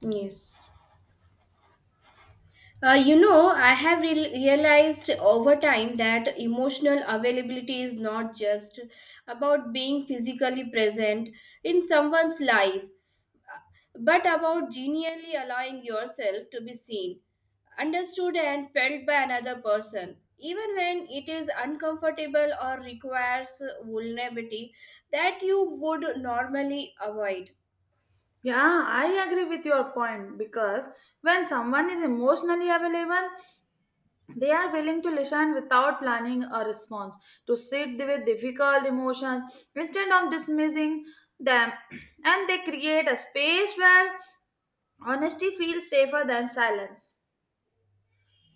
Yes. I have realized over time that emotional availability is not just about being physically present in someone's life, but about genuinely allowing yourself to be seen, understood, and felt by another person, even when it is uncomfortable or requires vulnerability that you would normally avoid. Yeah, I agree with your point because when someone is emotionally available, they are willing to listen without planning a response, to sit with difficult emotions instead of dismissing them, and they create a space where honesty feels safer than silence.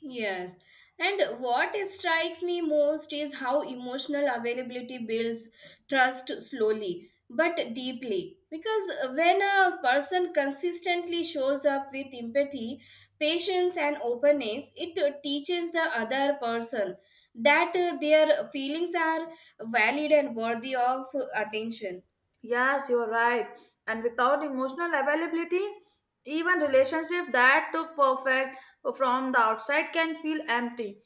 Yes. And what strikes me most is how emotional availability builds trust slowly but deeply, because when a person consistently shows up with empathy, patience, and openness, it teaches the other person that their feelings are valid and worthy of attention. Yes, you are right. And without emotional availability, even relationship that took perfect from the outside can feel empty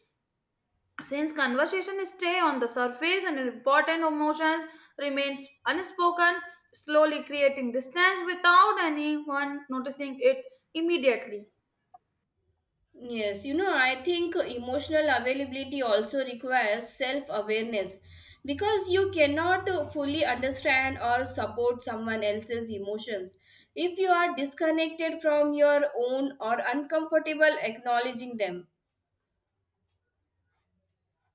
since conversation stay on the surface and important emotions remains unspoken, slowly creating distance without anyone noticing it immediately. Yes, you know, I think emotional availability also requires self awareness because you cannot fully understand or support someone else's emotions if you are disconnected from your own or uncomfortable acknowledging them.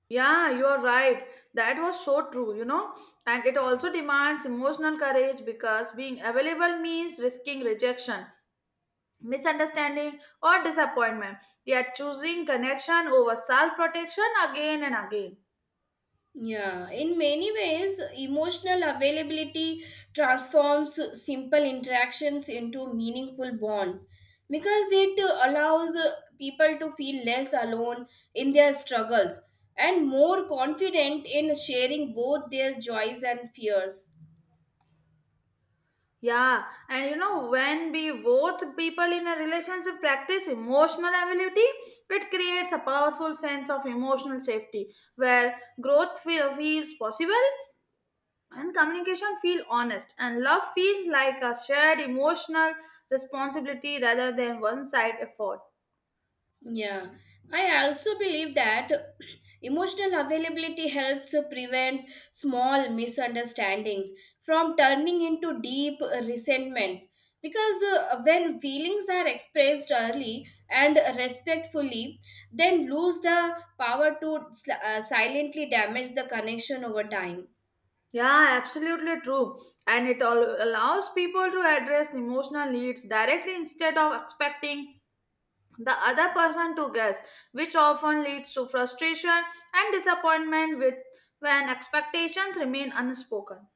Yeah, you are right. That was so true, you know. And it also demands emotional courage because being available means risking rejection, misunderstanding, or disappointment. Yet choosing connection over self protection again and again. Yeah, in many ways, emotional availability transforms simple interactions into meaningful bonds because it allows people to feel less alone in their struggles and more confident in sharing both their joys and fears. Yeah, and you know, when we both people in a relationship practice emotional ability, it creates a powerful sense of emotional safety where growth feels possible and communication feel honest and love feels like a shared emotional responsibility rather than one side effort. Yeah, I also believe that emotional availability helps prevent small misunderstandings from turning into deep resentments, because when feelings are expressed early and respectfully, then lose the power to silently damage the connection over time. Yeah, absolutely true. And it all allows people to address emotional needs directly instead of expecting the other person to guess, which often leads to frustration and disappointment with when expectations remain unspoken.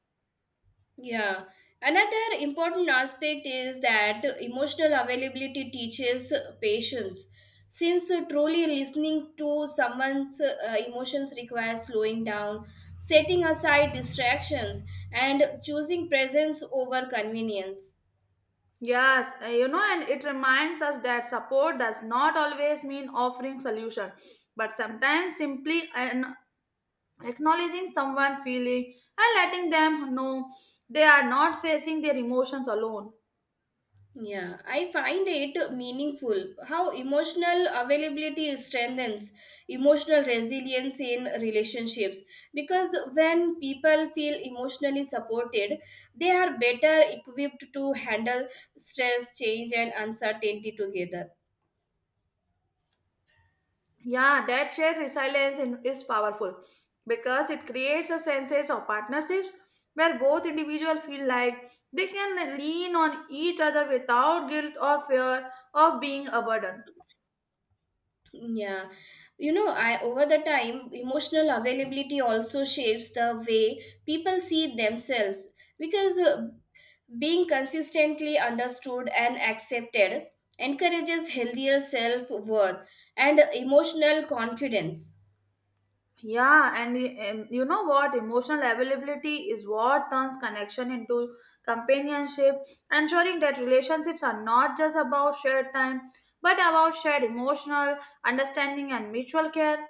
Yeah. Another important aspect is that emotional availability teaches patience, since truly listening to someone's emotions requires slowing down, setting aside distractions, and choosing presence over convenience. Yes, you know, and it reminds us that support does not always mean offering solution, but sometimes simply an acknowledging someone feeling and letting them know they are not facing their emotions alone. Yeah, I find it meaningful how emotional availability strengthens emotional resilience in relationships, because when people feel emotionally supported, they are better equipped to handle stress, change, and uncertainty together. Yeah, that shared resilience is powerful because it creates a sense of partnerships where both individuals feel like they can lean on each other without guilt or fear of being a burden. Yeah. You know, I over the time emotional availability also shapes the way people see themselves because being consistently understood and accepted encourages healthier self worth and emotional confidence. Yeah, and you know what? Emotional availability is what turns connection into companionship, ensuring that relationships are not just about shared time but about shared emotional understanding and mutual care.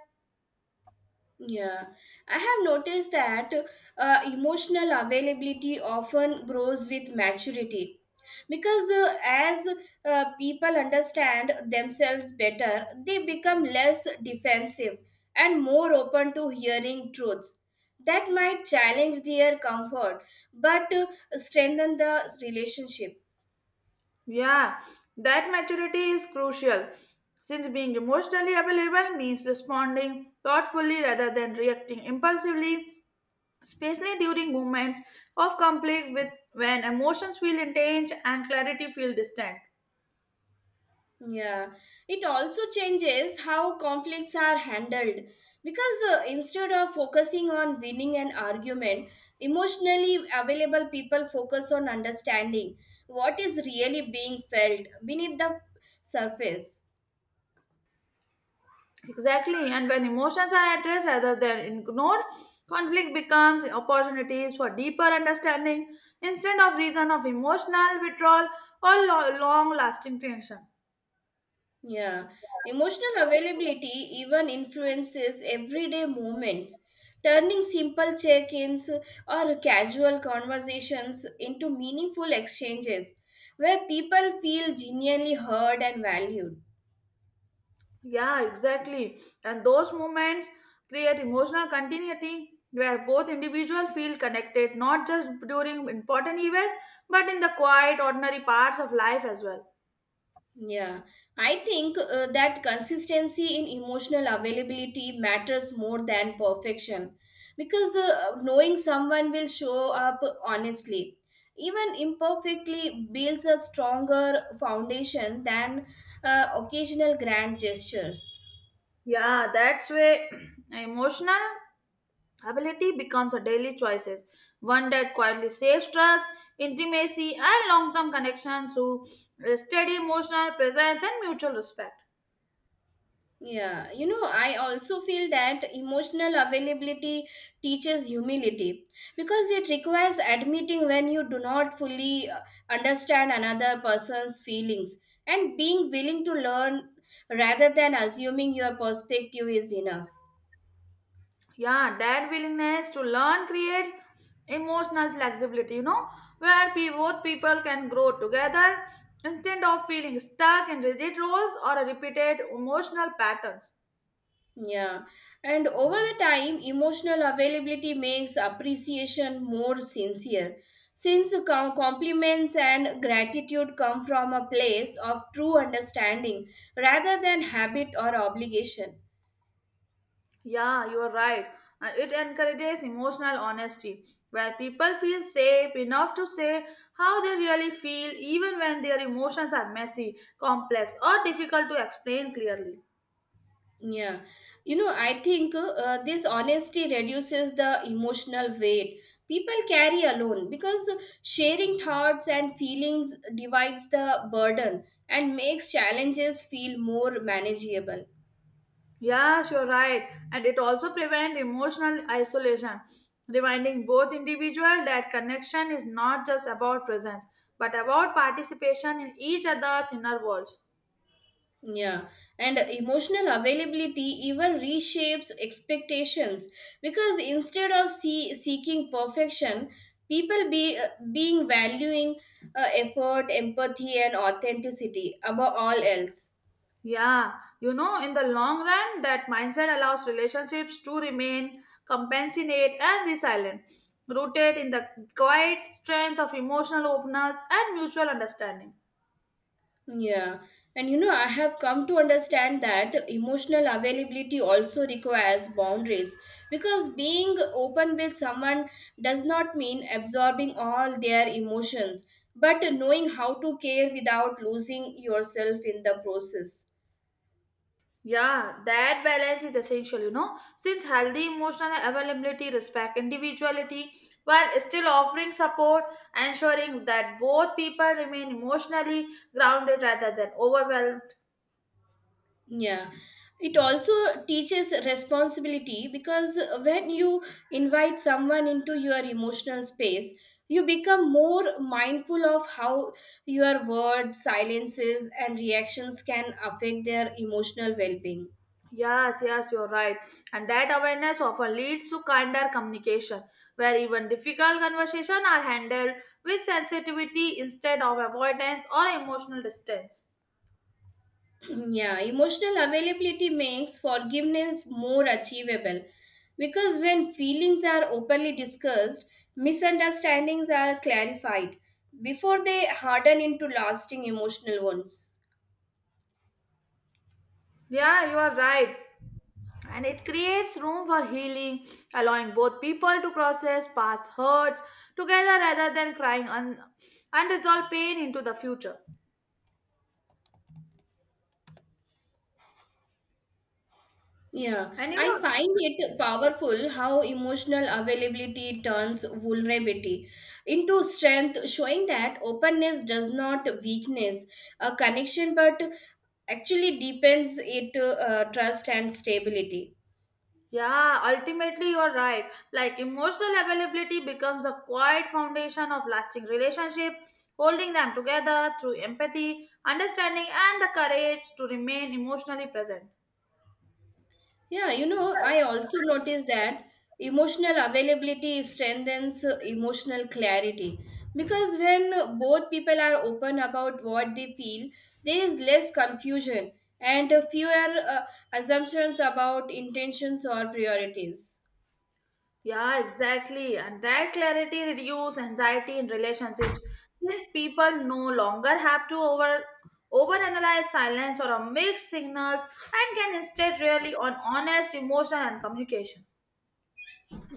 Yeah, I have noticed that emotional availability often grows with maturity because as people understand themselves better, they become less defensive and more open to hearing truths that might challenge their comfort but strengthen the relationship. Yeah, that maturity is crucial since being emotionally available means responding thoughtfully rather than reacting impulsively, especially during moments of conflict with when emotions feel intense and clarity feel distant. Yeah, it also changes how conflicts are handled because instead of focusing on winning an argument, emotionally available people focus on understanding what is really being felt beneath the surface. Exactly, and when emotions are addressed rather than ignored, conflict becomes opportunities for deeper understanding instead of reason of emotional withdrawal or long lasting tension. Yeah, emotional availability even influences everyday moments, turning simple check ins or casual conversations into meaningful exchanges where people feel genuinely heard and valued. Yeah, exactly. And those moments create emotional continuity where both individuals feel connected, not just during important events, but in the quiet, ordinary parts of life as well. Yeah, I think that consistency in emotional availability matters more than perfection because knowing someone will show up honestly, even imperfectly, builds a stronger foundation than occasional grand gestures. Yeah, that's where emotional ability becomes a daily choices. One that quietly saves trust, intimacy, and long-term connection through steady emotional presence and mutual respect. Yeah, you know, I also feel that emotional availability teaches humility because it requires admitting when you do not fully understand another person's feelings and being willing to learn rather than assuming your perspective is enough. Yeah, that willingness to learn creates emotional flexibility, you know, where both people can grow together instead of feeling stuck in rigid roles or repeated emotional patterns. Yeah, and over the time, emotional availability makes appreciation more sincere, since compliments and gratitude come from a place of true understanding rather than habit or obligation. Yeah, you are right. It encourages emotional honesty where people feel safe enough to say how they really feel even when their emotions are messy, complex or difficult to explain clearly. Yeah, you know, I think this honesty reduces the emotional weight people carry alone because sharing thoughts and feelings divides the burden and makes challenges feel more manageable. Yes, you're right. And it also prevents emotional isolation, reminding both individual that connection is not just about presence, but about participation in each other's inner world. Yeah, and emotional availability even reshapes expectations because instead of seeking perfection, people be being valuing effort, empathy, and authenticity above all else. Yeah, you know, in the long run, that mindset allows relationships to remain compassionate and resilient, rooted in the quiet strength of emotional openness and mutual understanding. Yeah, and you know, I have come to understand that emotional availability also requires boundaries because being open with someone does not mean absorbing all their emotions, but knowing how to care without losing yourself in the process. Yeah, that balance is essential, you know, since healthy emotional availability respect individuality while still offering support, ensuring that both people remain emotionally grounded rather than overwhelmed. Yeah, it also teaches responsibility because when you invite someone into your emotional space, you become more mindful of how your words, silences, and reactions can affect their emotional well being. Yes, you're right. And that awareness often leads to kinder communication, where even difficult conversations are handled with sensitivity instead of avoidance or emotional distance. Yeah, emotional availability makes forgiveness more achievable because when feelings are openly discussed, misunderstandings are clarified before they harden into lasting emotional wounds. Yeah, you are right. And it creates room for healing, allowing both people to process past hurts together rather than crying unresolved pain into the future. Yeah, And you I find know, it powerful how emotional availability turns vulnerability into strength, showing that openness does not weakness a connection but actually deepens it trust and stability. yeah, ultimately you're right. Like emotional availability becomes a quiet foundation of lasting relationship, holding them together through empathy, understanding, and the courage to remain emotionally present. Yeah, you know, I also noticed that emotional availability strengthens emotional clarity because when both people are open about what they feel, there is less confusion and fewer assumptions about intentions or priorities. Yeah, exactly. And that clarity reduce anxiety in relationships. These people no longer have to overanalyze silence or a mixed signals and can instead rely on honest emotion and communication.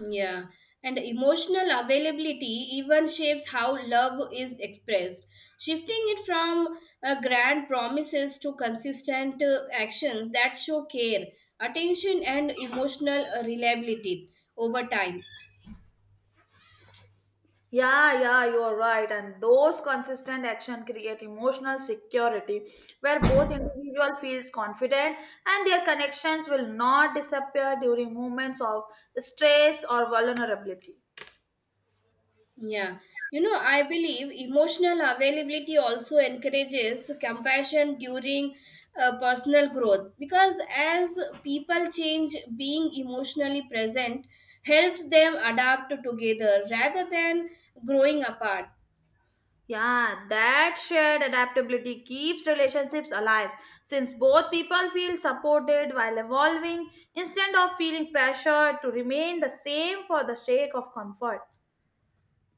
Yeah, and emotional availability even shapes how love is expressed, shifting it from grand promises to consistent actions that show care, attention, and emotional reliability over time. Yeah, you are right. And those consistent action create emotional security where both individual feels confident and their connections will not disappear during moments of stress or vulnerability. Yeah. You know, I believe emotional availability also encourages compassion during personal growth because as people change, being emotionally present helps them adapt together rather than growing apart. Yeah, that shared adaptability keeps relationships alive since both people feel supported while evolving instead of feeling pressured to remain the same for the sake of comfort.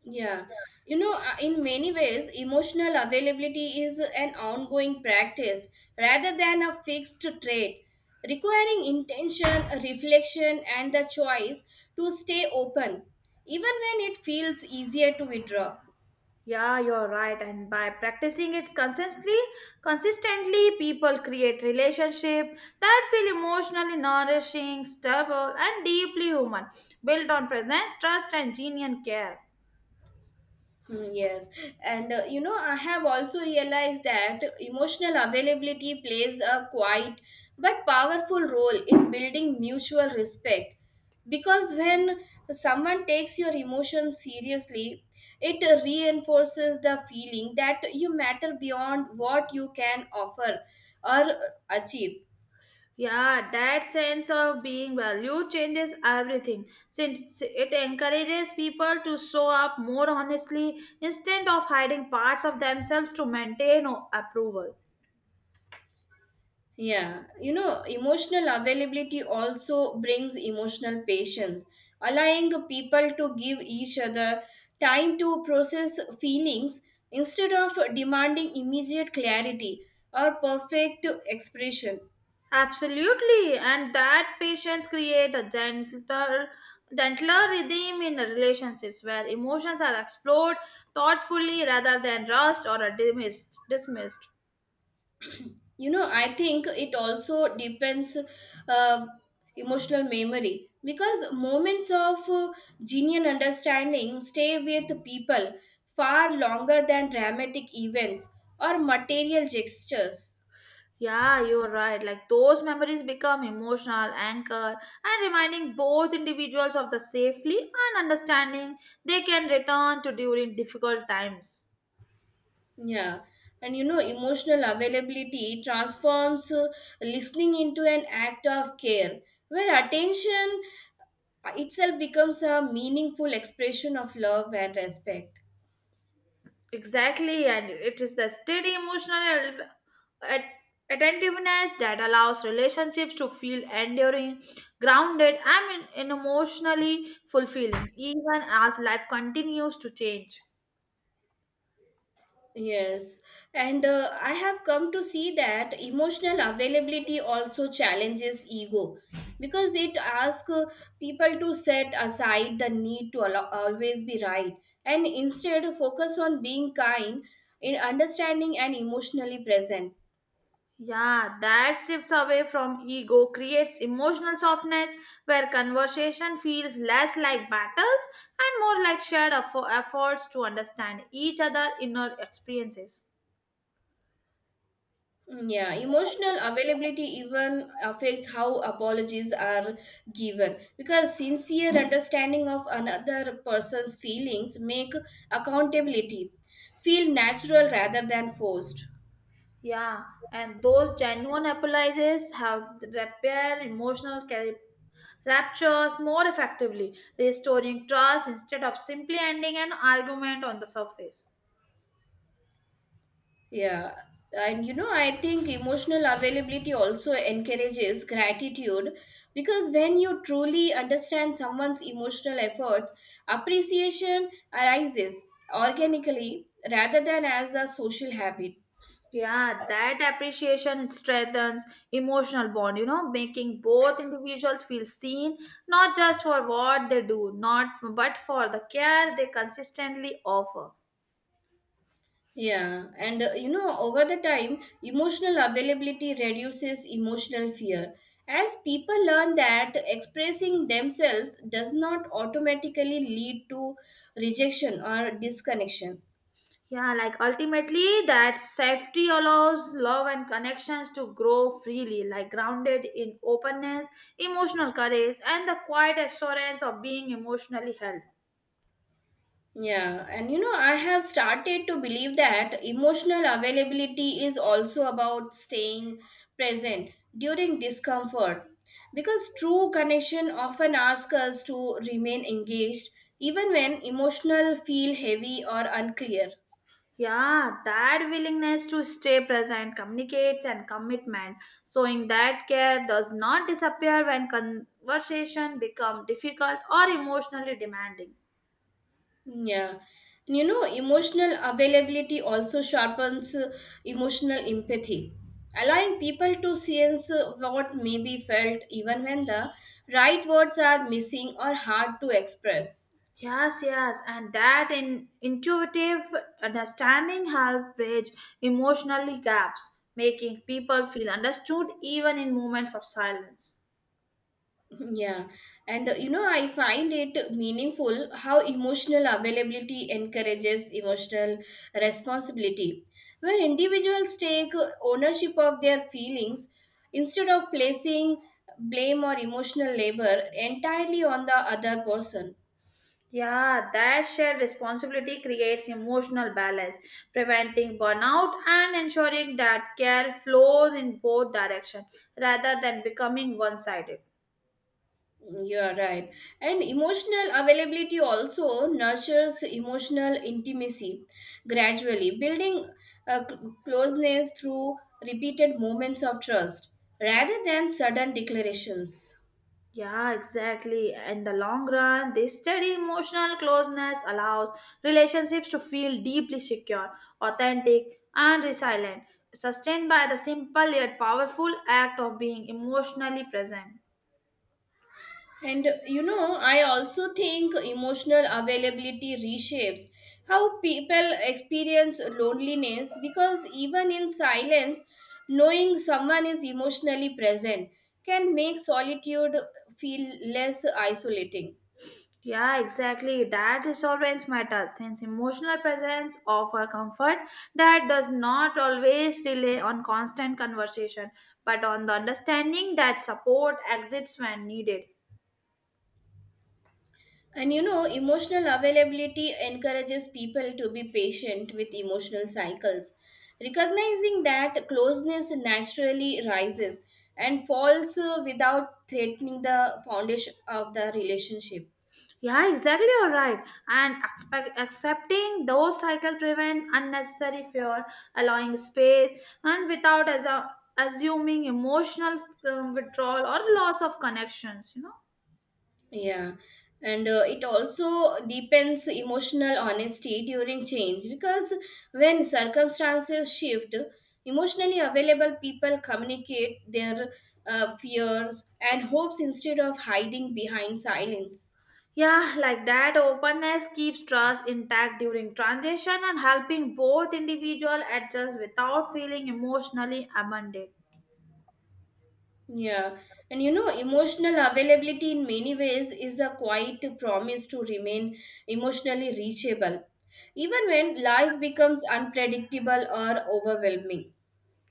Yeah, you know, in many ways, emotional availability is an ongoing practice rather than a fixed trait, requiring intention, reflection, and the choice to stay open, even when it feels easier to withdraw. Yeah, you're right. And by practicing it consistently people create relationships that feel emotionally nourishing, stable, and deeply human, built on presence, trust, and genuine care. Hmm. Yes, and you know, I have also realized that emotional availability plays a quiet but powerful role in building mutual respect, because when someone takes your emotions seriously, it reinforces the feeling that you matter beyond what you can offer or achieve. Yeah, that sense of being valued changes everything since it encourages people to show up more honestly instead of hiding parts of themselves to maintain approval. Yeah, you know, emotional availability also brings emotional patience, allowing people to give each other time to process feelings instead of demanding immediate clarity or perfect expression. Absolutely, and that patience creates a gentler rhythm in relationships where emotions are explored thoughtfully rather than rushed or dismissed. You know, I think it also depends uh, emotional memory because moments of genuine understanding stay with people far longer than dramatic events or material gestures. Yeah, you're right. Like those memories become emotional anchor and reminding both individuals of the safely and understanding they can return to during difficult times. Yeah, and you know, emotional availability transforms listening into an act of care where attention itself becomes a meaningful expression of love and respect. Exactly, and it is the steady emotional at- attentiveness that allows relationships to feel enduring, grounded, and in emotionally fulfilling, even as life continues to change. Yes, and I have come to see that emotional availability also challenges ego because it asks people to set aside the need to always be right and instead focus on being kind, in understanding, and emotionally present. Yeah, that shifts away from ego, creates emotional softness where conversation feels less like battles and more like shared efforts to understand each other inner experiences. Mm. Yeah, emotional availability even affects how apologies are given because sincere understanding of another person's feelings make accountability feel natural rather than forced. Yeah, and those genuine apologies help repair emotional raptures more effectively, restoring trust instead of simply ending an argument on the surface. Yeah, and you know, I think emotional availability also encourages gratitude because when you truly understand someone's emotional efforts, appreciation arises organically rather than as a social habit. Yeah, that appreciation strengthens emotional bond, you know, making both individuals feel seen, not just for what they do, not but for the care they consistently offer. Yeah, and you know, over the time, emotional availability reduces emotional fear, as people learn that expressing themselves does not automatically lead to rejection or disconnection. Yeah, like ultimately that safety allows love and connections to grow freely, like grounded in openness, emotional courage, and the quiet assurance of being emotionally held. Yeah, and you know, I have started to believe that emotional availability is also about staying present during discomfort because true connection often asks us to remain engaged even when emotional feel heavy or unclear. Yeah, that willingness to stay present communicates and commitment. So, in that care does not disappear when conversation become difficult or emotionally demanding. Yeah. And you know, emotional availability also sharpens emotional empathy, allowing people to sense what may be felt even when the right words are missing or hard to express. Yes, and that in intuitive understanding help bridge emotionally gaps, making people feel understood even in moments of silence. Yeah, and you know, I find it meaningful how emotional availability encourages emotional responsibility, where individuals take ownership of their feelings instead of placing blame or emotional labor entirely on the other person. Yeah, that shared responsibility creates emotional balance, preventing burnout and ensuring that care flows in both directions rather than becoming one sided. You are right. And emotional availability also nurtures emotional intimacy gradually, building a closeness through repeated moments of trust rather than sudden declarations. Yeah, exactly. In the long run, this steady emotional closeness allows relationships to feel deeply secure, authentic, and resilient, sustained by the simple yet powerful act of being emotionally present. And you know, I also think emotional availability reshapes how people experience loneliness because even in silence, knowing someone is emotionally present can make solitude feel less isolating. Yeah, exactly. That is always matters since emotional presence offer comfort that does not always rely on constant conversation, but on the understanding that support exists when needed. And you know, emotional availability encourages people to be patient with emotional cycles, recognizing that closeness naturally rises and falls without threatening the foundation of the relationship. Yeah, exactly. You're right. And expect, accepting those cycle prevent unnecessary fear, allowing space, and without as assuming emotional withdrawal or loss of connections, you know. Yeah, and it also deepens emotional honesty during change because when circumstances shift, emotionally available people communicate their fears and hopes instead of hiding behind silence. Yeah, like that openness keeps trust intact during transition and helping both individual adjust without feeling emotionally amended. Yeah, and you know, emotional availability in many ways is a quiet promise to remain emotionally reachable, even when life becomes unpredictable or overwhelming.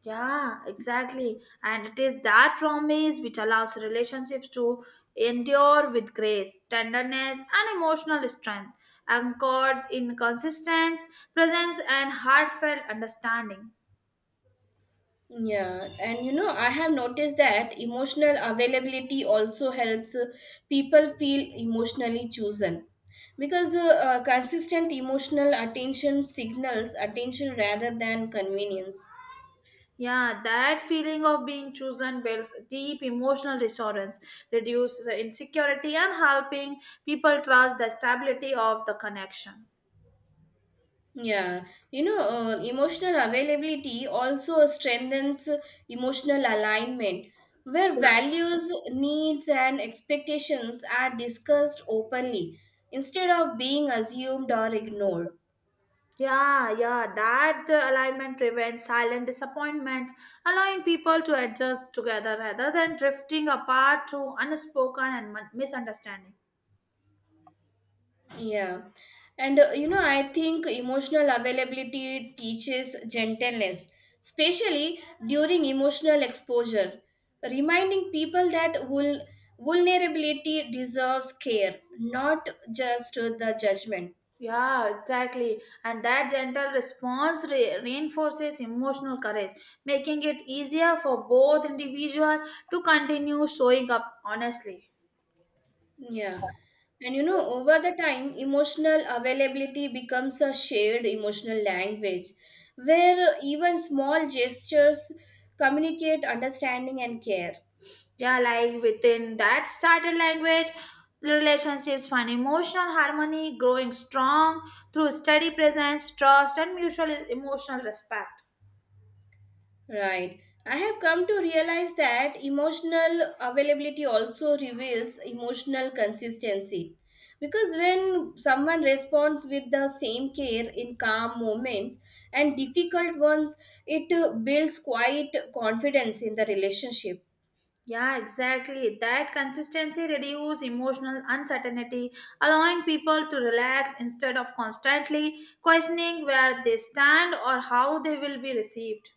Yeah, exactly. And it is that promise which allows relationships to endure with grace, tenderness, and emotional strength, anchored in consistent presence and heartfelt understanding. Yeah, and you know, I have noticed that emotional availability also helps people feel emotionally chosen because consistent emotional attention signals attention rather than convenience. Yeah, that feeling of being chosen builds deep emotional reassurance, reduces insecurity, and helping people trust the stability of the connection. Yeah, you know, emotional availability also strengthens emotional alignment where Yeah, values, needs, and expectations are discussed openly instead of being assumed or ignored. yeah, that the alignment prevents silent disappointments, allowing people to adjust together rather than drifting apart through unspoken and misunderstanding. Yeah. And you know, I think emotional availability teaches gentleness, especially during emotional exposure, reminding people that vulnerability deserves care, not just the judgment. Yeah, exactly. And that gentle response reinforces emotional courage, making it easier for both individuals to continue showing up honestly. Yeah. And you know, over the time, emotional availability becomes a shared emotional language where even small gestures communicate understanding and care. Yeah, like within that started language, relationships find emotional harmony, growing strong through steady presence, trust, and mutual emotional respect. Right. I have come to realize that emotional availability also reveals emotional consistency, because when someone responds with the same care in calm moments and difficult ones, it builds quite confidence in the relationship. Yeah, exactly. That consistency reduces emotional uncertainty, allowing people to relax instead of constantly questioning where they stand or how they will be received.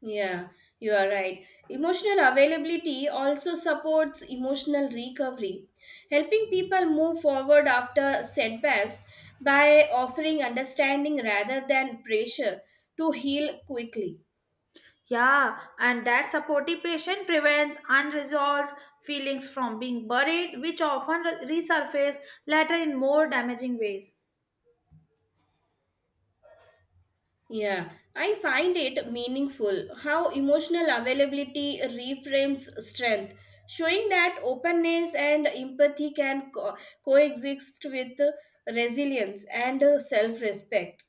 Yeah, you are right. Emotional availability also supports emotional recovery, helping people move forward after setbacks by offering understanding rather than pressure to heal quickly. Yeah, and that supportive patient prevents unresolved feelings from being buried, which often resurface later in more damaging ways. Yeah, I find it meaningful how emotional availability reframes strength, showing that openness and empathy can coexist with resilience and self respect.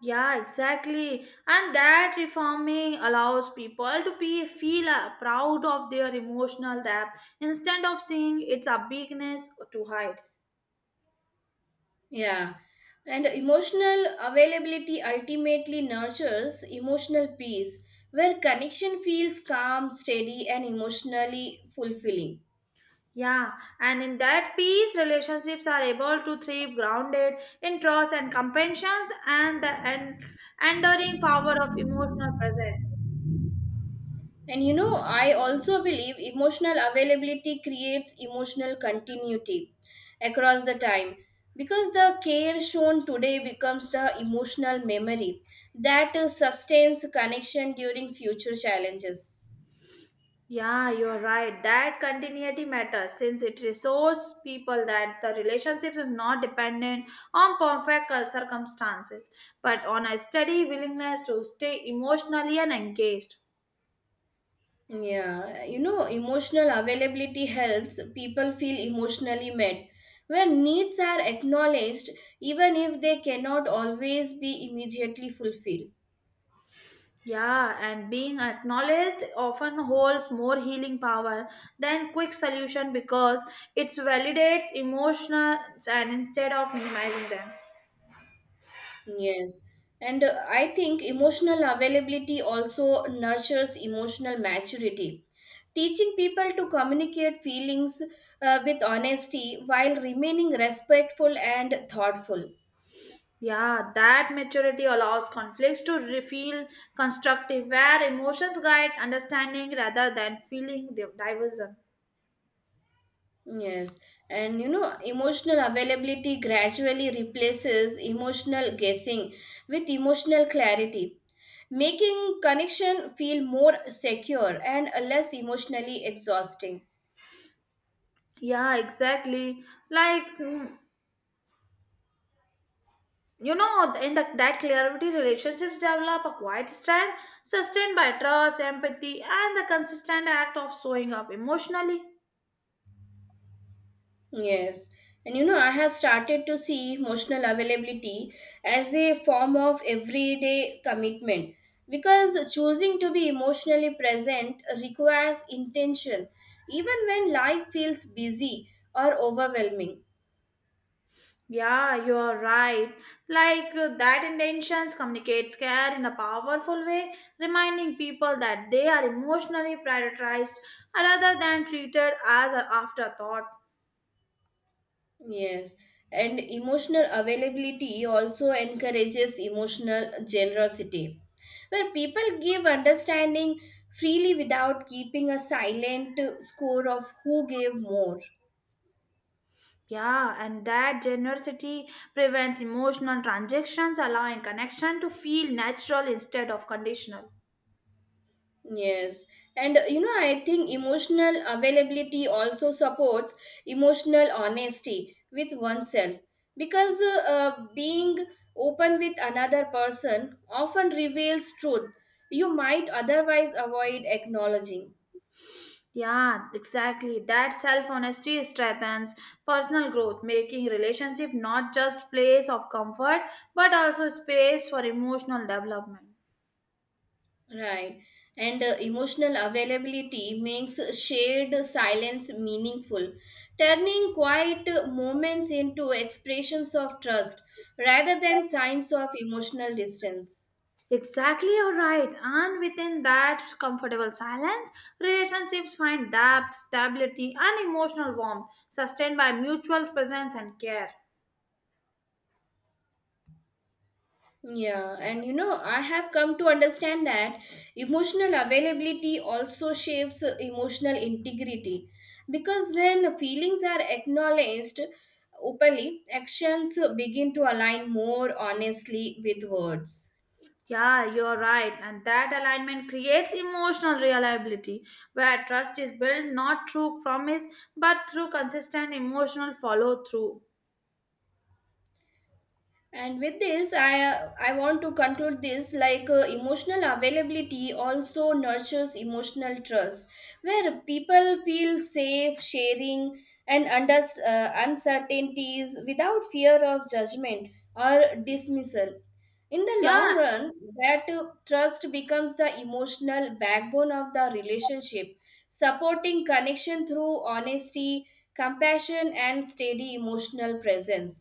Yeah, exactly. And that reforming allows people to be feel proud of their emotional depth instead of seeing its a weakness to hide. Yeah. And emotional availability ultimately nurtures emotional peace, where connection feels calm, steady, and emotionally fulfilling. Yeah, and in that peace, relationships are able to thrive grounded in trust and compassion and the enduring power of emotional presence. And you know, I also believe emotional availability creates emotional continuity across the time because the care shown today becomes the emotional memory that sustains connection during future challenges. Yeah, you're right. That continuity matters since it reassures people that the relationship is not dependent on perfect circumstances, but on a steady willingness to stay emotionally and engaged. Yeah, you know, emotional availability helps people feel emotionally met, when needs are acknowledged, even if they cannot always be immediately fulfilled. Yeah, and being acknowledged often holds more healing power than quick solution because it validates emotions and instead of minimizing them. Yes, and I think emotional availability also nurtures emotional maturity, teaching people to communicate feelings with honesty while remaining respectful and thoughtful. Yeah, that maturity allows conflicts to feel constructive, where emotions guide understanding rather than feeling diversion. Yes, and you know, emotional availability gradually replaces emotional guessing with emotional clarity, making connection feel more secure and less emotionally exhausting. Yeah, exactly. Like, mm, that clarity, relationships develop a quiet strength sustained by trust, empathy, and the consistent act of showing up emotionally. Yes, and you know, I have started to see emotional availability as a form of everyday commitment because choosing to be emotionally present requires intention, even when life feels busy or overwhelming. Yeah, you're right. That intentions communicates care in a powerful way, reminding people that they are emotionally prioritized rather than treated as an afterthought. Yes, and emotional availability also encourages emotional generosity, where people give understanding freely without keeping a silent score of who gave more. Yeah, and that generosity prevents emotional transactions, allowing connection to feel natural instead of conditional. Yes, and you know, I think emotional availability also supports emotional honesty with oneself because being open with another person often reveals truth you might otherwise avoid acknowledging. Yeah, exactly. That self honesty strengthens personal growth, making relationship not just place of comfort but also space for emotional development. Right. And emotional availability makes shared silence meaningful, turning quiet moments into expressions of trust rather than signs of emotional distance. Exactly, you're right. And within that comfortable silence, relationships find depth, stability, and emotional warmth sustained by mutual presence and care. Yeah, and you know, I have come to understand that emotional availability also shapes emotional integrity because when feelings are acknowledged openly, actions begin to align more honestly with words. Yeah, you're right. And that alignment creates emotional reliability where trust is built not through promise but through consistent emotional follow through. And with this I want to conclude this, like, emotional availability also nurtures emotional trust where people feel safe sharing and under uncertainties without fear of judgment or dismissal. In the Yeah, long run that trust becomes the emotional backbone of the relationship, supporting connection through honesty, compassion, and steady emotional presence.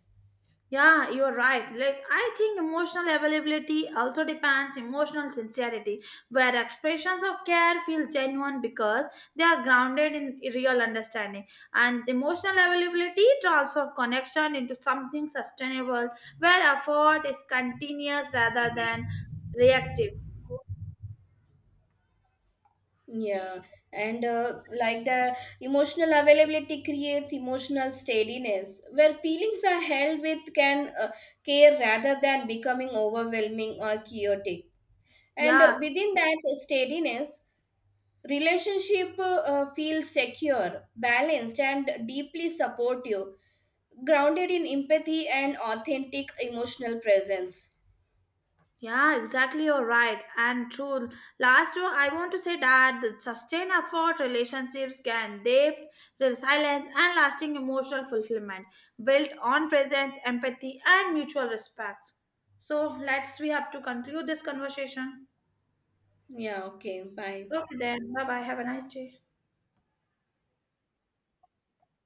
Yeah, you're right. I think emotional availability also depends emotional sincerity, where expressions of care feel genuine because they are grounded in real understanding. And emotional availability transforms connection into something sustainable, where effort is continuous rather than reactive. Yeah, and like the emotional availability creates emotional steadiness, where feelings are held with can care rather than becoming overwhelming or chaotic. And Yeah, within that steadiness, relationship feels secure, balanced, and deeply supportive, grounded in empathy and authentic emotional presence. Yeah, exactly. You're right. And true. Last one, I want to say that the sustained effort relationships can depth, resilience, and lasting emotional fulfillment built on presence, empathy, and mutual respect. So let's we have to conclude this conversation. Yeah. Okay. Bye. Okay, then. Bye bye. Have a nice day.